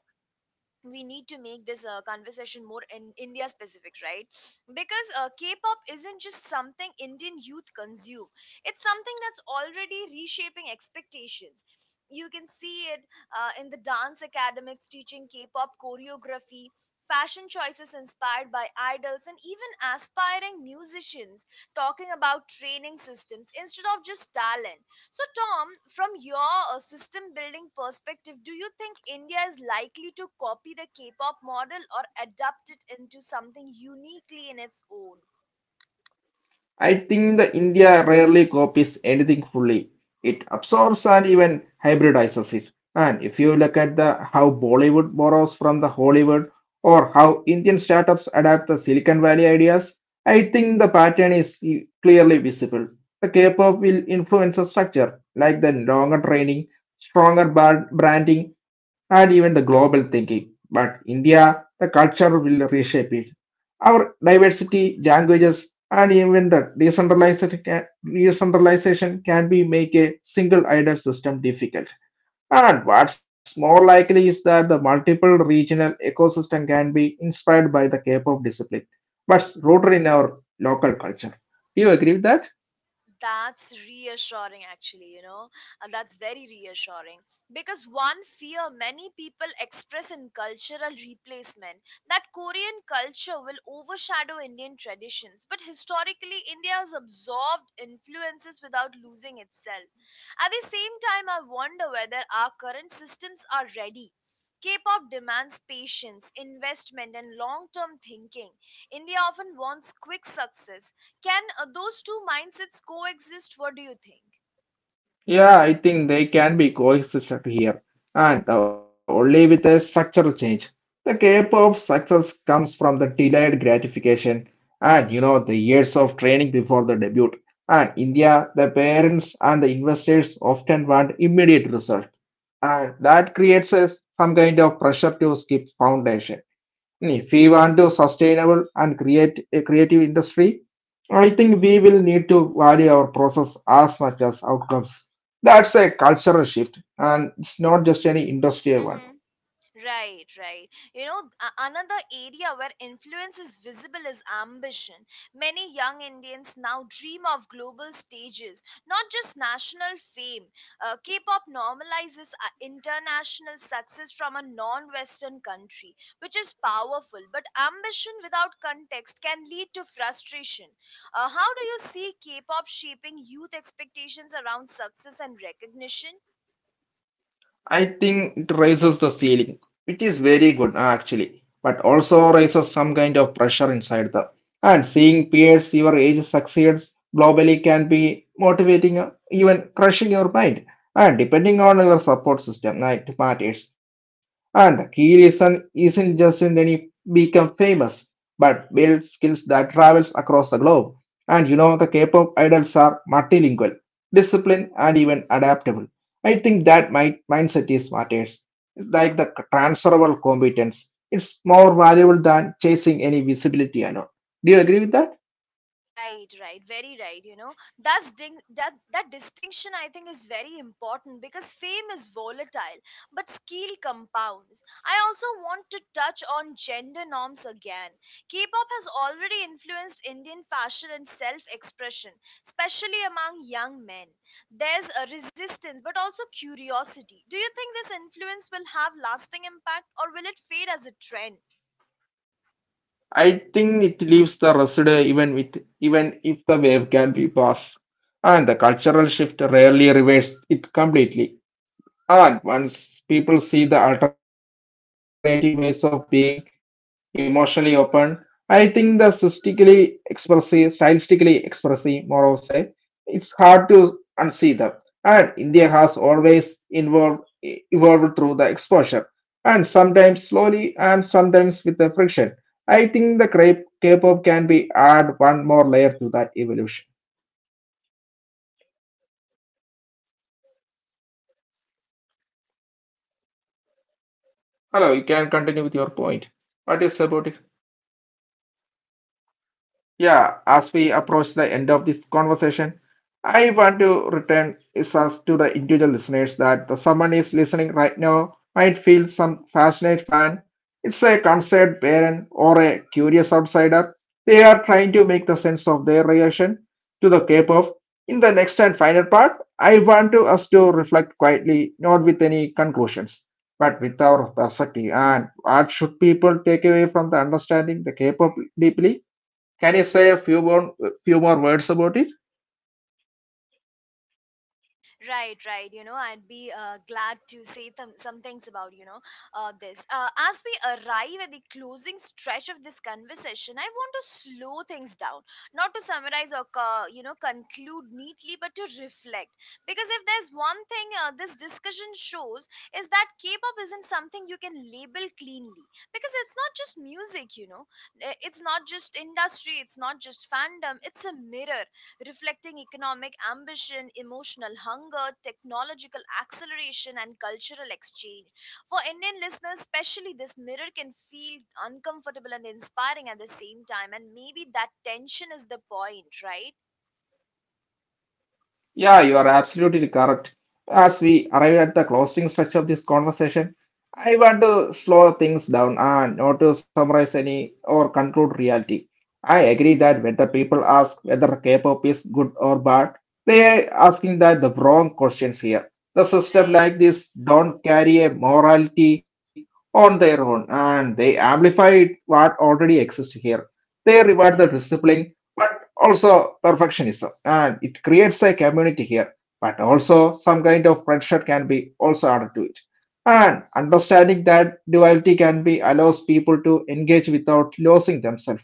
we need to make this conversation more in India specific, right? Because K-pop isn't just something Indian youth consume, it's something that's already reshaping expectations. You can see it in the dance academics teaching K-pop choreography, fashion choices inspired by idols, and even aspiring musicians talking about training systems instead of just talent. So, Tom, from your system building perspective, do you think India is likely to copy the K pop model or adapt it into something uniquely in its own?
I think the India rarely copies anything fully. It absorbs and even hybridizes it. And if you look at the how Bollywood borrows from the Hollywood or how Indian startups adapt the Silicon Valley ideas, I think the pattern is clearly visible. The K-pop will influence the structure, like the longer training, stronger branding, and even the global thinking. But India, the culture will reshape it. Our diversity, languages, and even the decentralization can be make a single idle system difficult. And what's more likely is that the multiple regional ecosystem can be inspired by the K-pop discipline, but rooted in our local culture. Do you agree with that?
That's reassuring, actually, you know. That's very reassuring. Because one fear many people express in cultural replacement, that Korean culture will overshadow Indian traditions. But historically, India has absorbed influences without losing itself. At the same time, I wonder whether our current systems are ready. K pop demands patience, investment, and long term thinking. India often wants quick success. Can those two mindsets coexist? What do you think?
Yeah, I think they can be coexisted here, and only with a structural change. The K-pop success comes from the delayed gratification, and you know the years of training before the debut. And India, the parents and the investors often want immediate result, and that creates a, some kind of pressure to skip foundation. And if we want to sustainable and create a creative industry, I think we will need to value our process as much as outcomes. That's a cultural shift, and it's not just any industrial one.
Hmm. Right, right. You know, another area where influence is visible is ambition. Many young Indians now dream of global stages, not just national fame. K pop normalizes international success from a non Western country, which is powerful, but ambition without context can lead to frustration. How do you see K pop shaping youth expectations around success and recognition?
I think it raises the ceiling, which is very good actually, but also raises some kind of pressure inside the. And seeing peers your age succeeds globally can be motivating, even crushing your mind. And depending on your support system, it matters. And the key reason isn't just in any become famous, but build skills that travels across the globe. And you know the K-pop idols are multilingual, disciplined, and even adaptable. I think that mindset is matters. It's like the transferable competence. It's more valuable than chasing any visibility alone. Do you agree with that?
Right, right, very right. You know, that's ding that that distinction I think is very important because fame is volatile, but skill compounds. I also want to touch on gender norms again. K-pop has already influenced Indian fashion and self-expression, especially among young men. There's a resistance, but also curiosity. Do you think this influence will have lasting impact, or will it fade as a trend?
I think it leaves the residue even with even if the wave can be passed. And the cultural shift rarely reverses it completely. Ah, once people see the alternative ways of being emotionally open, I think the stylistically expressive, more of say, it's hard to unsee them. And India has always involved, evolved through the exposure, and sometimes slowly, and sometimes with the friction. I think the K-pop can be add one more layer to that evolution. Hello, you can continue with your point. What is about it? Yeah, as we approach the end of this conversation, I want to return is us to the individual listeners that the someone is listening right now might feel some passionate fan. It's a concerned parent or a curious outsider. They are trying to make the sense of their reaction to the K-pop. In the next and final part, I want to us to reflect quietly, not with any conclusions, but with our perspective and what should people take away from the understanding the K-pop deeply. Can you say a few more words about it?
Right, right. You know, I'd be glad to say some things about, you know, this. As we arrive at the closing stretch of this conversation, I want to slow things down, not to summarize or conclude neatly, but to reflect. Because if there's one thing this discussion shows is that K-pop isn't something you can label cleanly. Because it's not just music, you know. It's not just industry. It's not just fandom. It's a mirror, reflecting economic ambition, emotional hunger, technological acceleration, and cultural exchange. For Indian listeners, especially, this mirror can feel uncomfortable and inspiring at the same time. And maybe that tension is the point, right?
Yeah, you are absolutely correct. As we arrive at the closing stretch of this conversation, I
Mm-hmm.
want to slow things down and not to summarize any or conclude reality. I agree that when the people ask whether K-pop is good or bad, they are asking that the wrong questions here. The system
Right.
like this don't carry a morality on their own, and they
Mm-hmm.
amplify what already exists here. They reward the
Right.
discipline also perfectionism, and it creates a community here, but also some kind of pressure can be also added to it, and understanding that duality can be allows people to engage without losing themselves.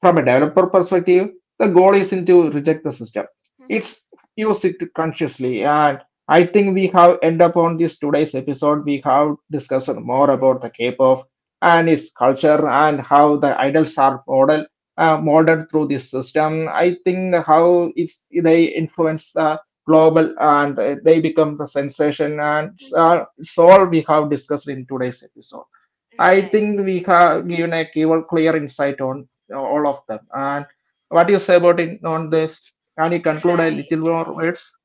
From a developer perspective, the goal isn't to reject the system.
Mm-hmm.
It's use it consciously. And I think we have end up on this today's episode. We have discussed more about the K-pop and its culture and how the idols are modeled, molded through this system. I think how it's they influence the global and they become the sensation, and
Mm-hmm.
it's all we have discussed in today's episode. I
Right.
think we have given a keyword clear insight on all of them. And what do you say about it on this? Can you conclude a
Right.
little more
Right.
words?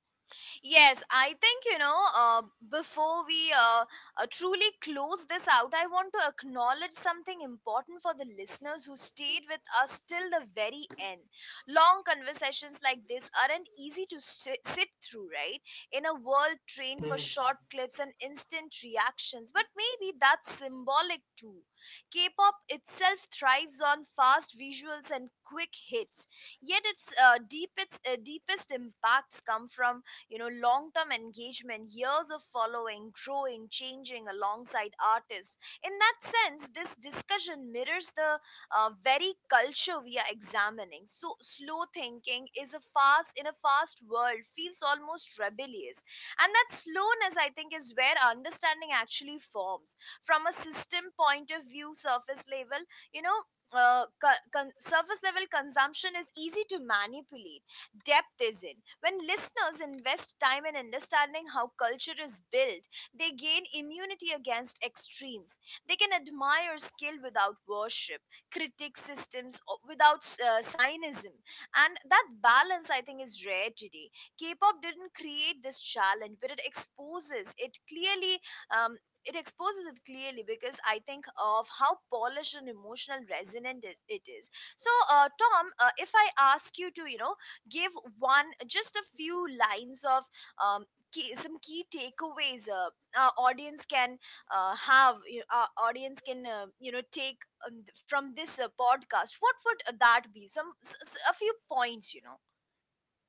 Yes, I think, you know, before we truly close this out, I want to acknowledge something important for the listeners who stayed with us till the very end. Long conversations like this aren't easy to sit through, right? In a world trained for short clips and instant reactions, but maybe that's symbolic too. K pop itself thrives on fast visuals and quick hits, yet its deepest impacts come from, long term engagement, years of following, growing, changing alongside artists. In that sense, this discussion mirrors the very culture we are examining. So slow thinking is a fast world feels almost rebellious, and that slowness, I think, is where understanding actually forms. From a system point of view, you know surface level consumption is easy to manipulate, depth is in. When listeners invest time in understanding how culture is built, they gain immunity against extremes. They can admire skill without worship, critique systems without cynism. And that balance, I think, is rare today. K pop didn't create this challenge, but it exposes it clearly. Um, it exposes it clearly because I think of how polished and emotional resonant it is. So, Tom, if I ask you to, you know, give one, just a few lines of, um, key, some key takeaways, our audience can our audience can take, from this podcast, what would that be? Some a few points, you know,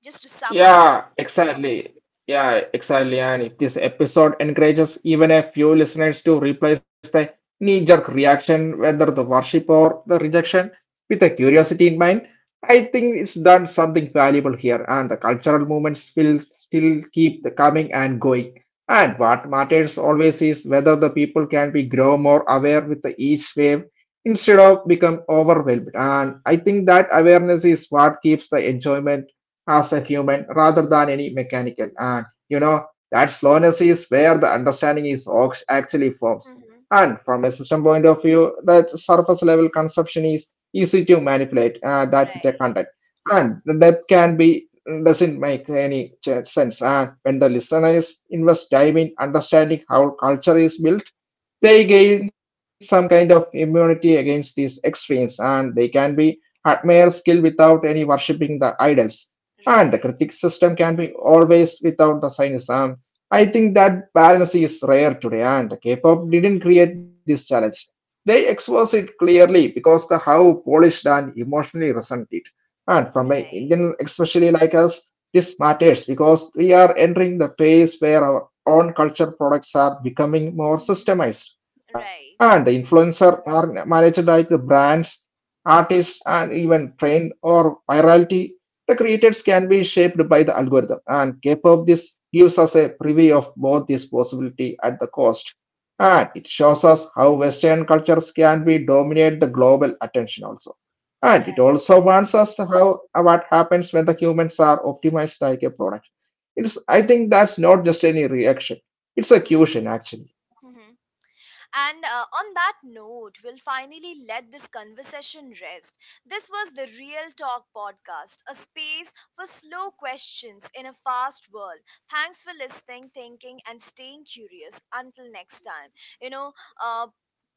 just to sum up this.
Yeah, exactly. Yeah, exactly. And if this episode encourages even a few listeners to replace the knee-jerk reaction, whether the worship or the rejection, with a curiosity in mind, I think it's done something valuable here. And the cultural movements will still keep the coming and going. And what matters always is whether the people can be grow more aware with the each wave instead of become overwhelmed. And I think that awareness is what keeps the enjoyment as a human rather than any mechanical. And you know, that slowness is where the understanding is actually forms.
Hmm.
And from a system point of view, that surface level conception is easy to manipulate that with a
Right.
content. And the depth can be doesn't make any sense. And when the listener is invest time in understanding how culture is built, they
Hmm.
gain some kind of immunity against these extremes, and they can be admire skill without any worshipping the idols. And the
Right.
critic system can be always without the cynicism. I think that balance is rare today, and K-pop didn't
Hmm.
create this challenge. They expose it clearly because the how polished and emotionally resonant it. And from an
Right.
Indian, especially like us, this matters because we are entering the phase where our own culture products are becoming more
Hmm.
systemized,
Right.
and the influencer are managed like the brands, artists, and even trend or virality. The creators can be shaped by the algorithm, and K-pop this gives us a preview of both this possibility at the cost,
Hmm.
and it shows us how Western cultures can be dominate the global attention also. And it also warns us how what happens when the humans are optimized like a product, it's I think that's not just any reaction. It's a
Right.
cushion actually.
Hmm. And on that note, we'll finally let this conversation rest. This was the Real Talk podcast, a space for slow questions in a fast world. Thanks for listening, thinking, and staying curious. Until next time, you know, uh,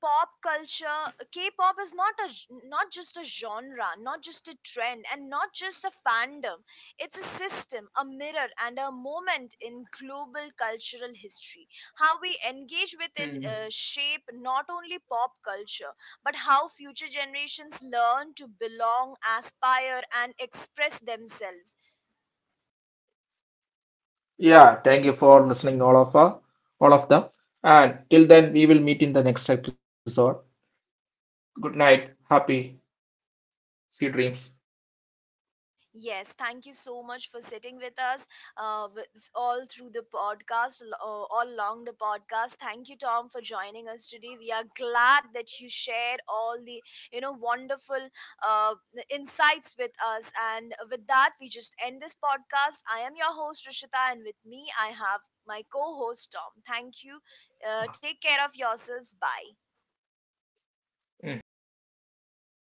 pop culture K-pop is not just a genre, not just a trend, and not just a fandom. It's a system, a mirror, and a moment in global cultural history. How we engage with it
Mm.
shape not only pop culture, but how future generations learn to belong, aspire, and express themselves.
Yeah, thank you for listening all of them. And till then we will meet in the next episode. Good night. Happy sea dreams.
Yes, thank you so much for sitting with us, uh, with, all through the podcast, all along the podcast. Thank you, Tom, for joining us today. We are glad that you shared all the, wonderful uh, insights with us. And with that, we just end this podcast. I am your host Rishita, and with me, I have my co-host Tom. Thank you. Take care of yourselves. Bye.
Mm.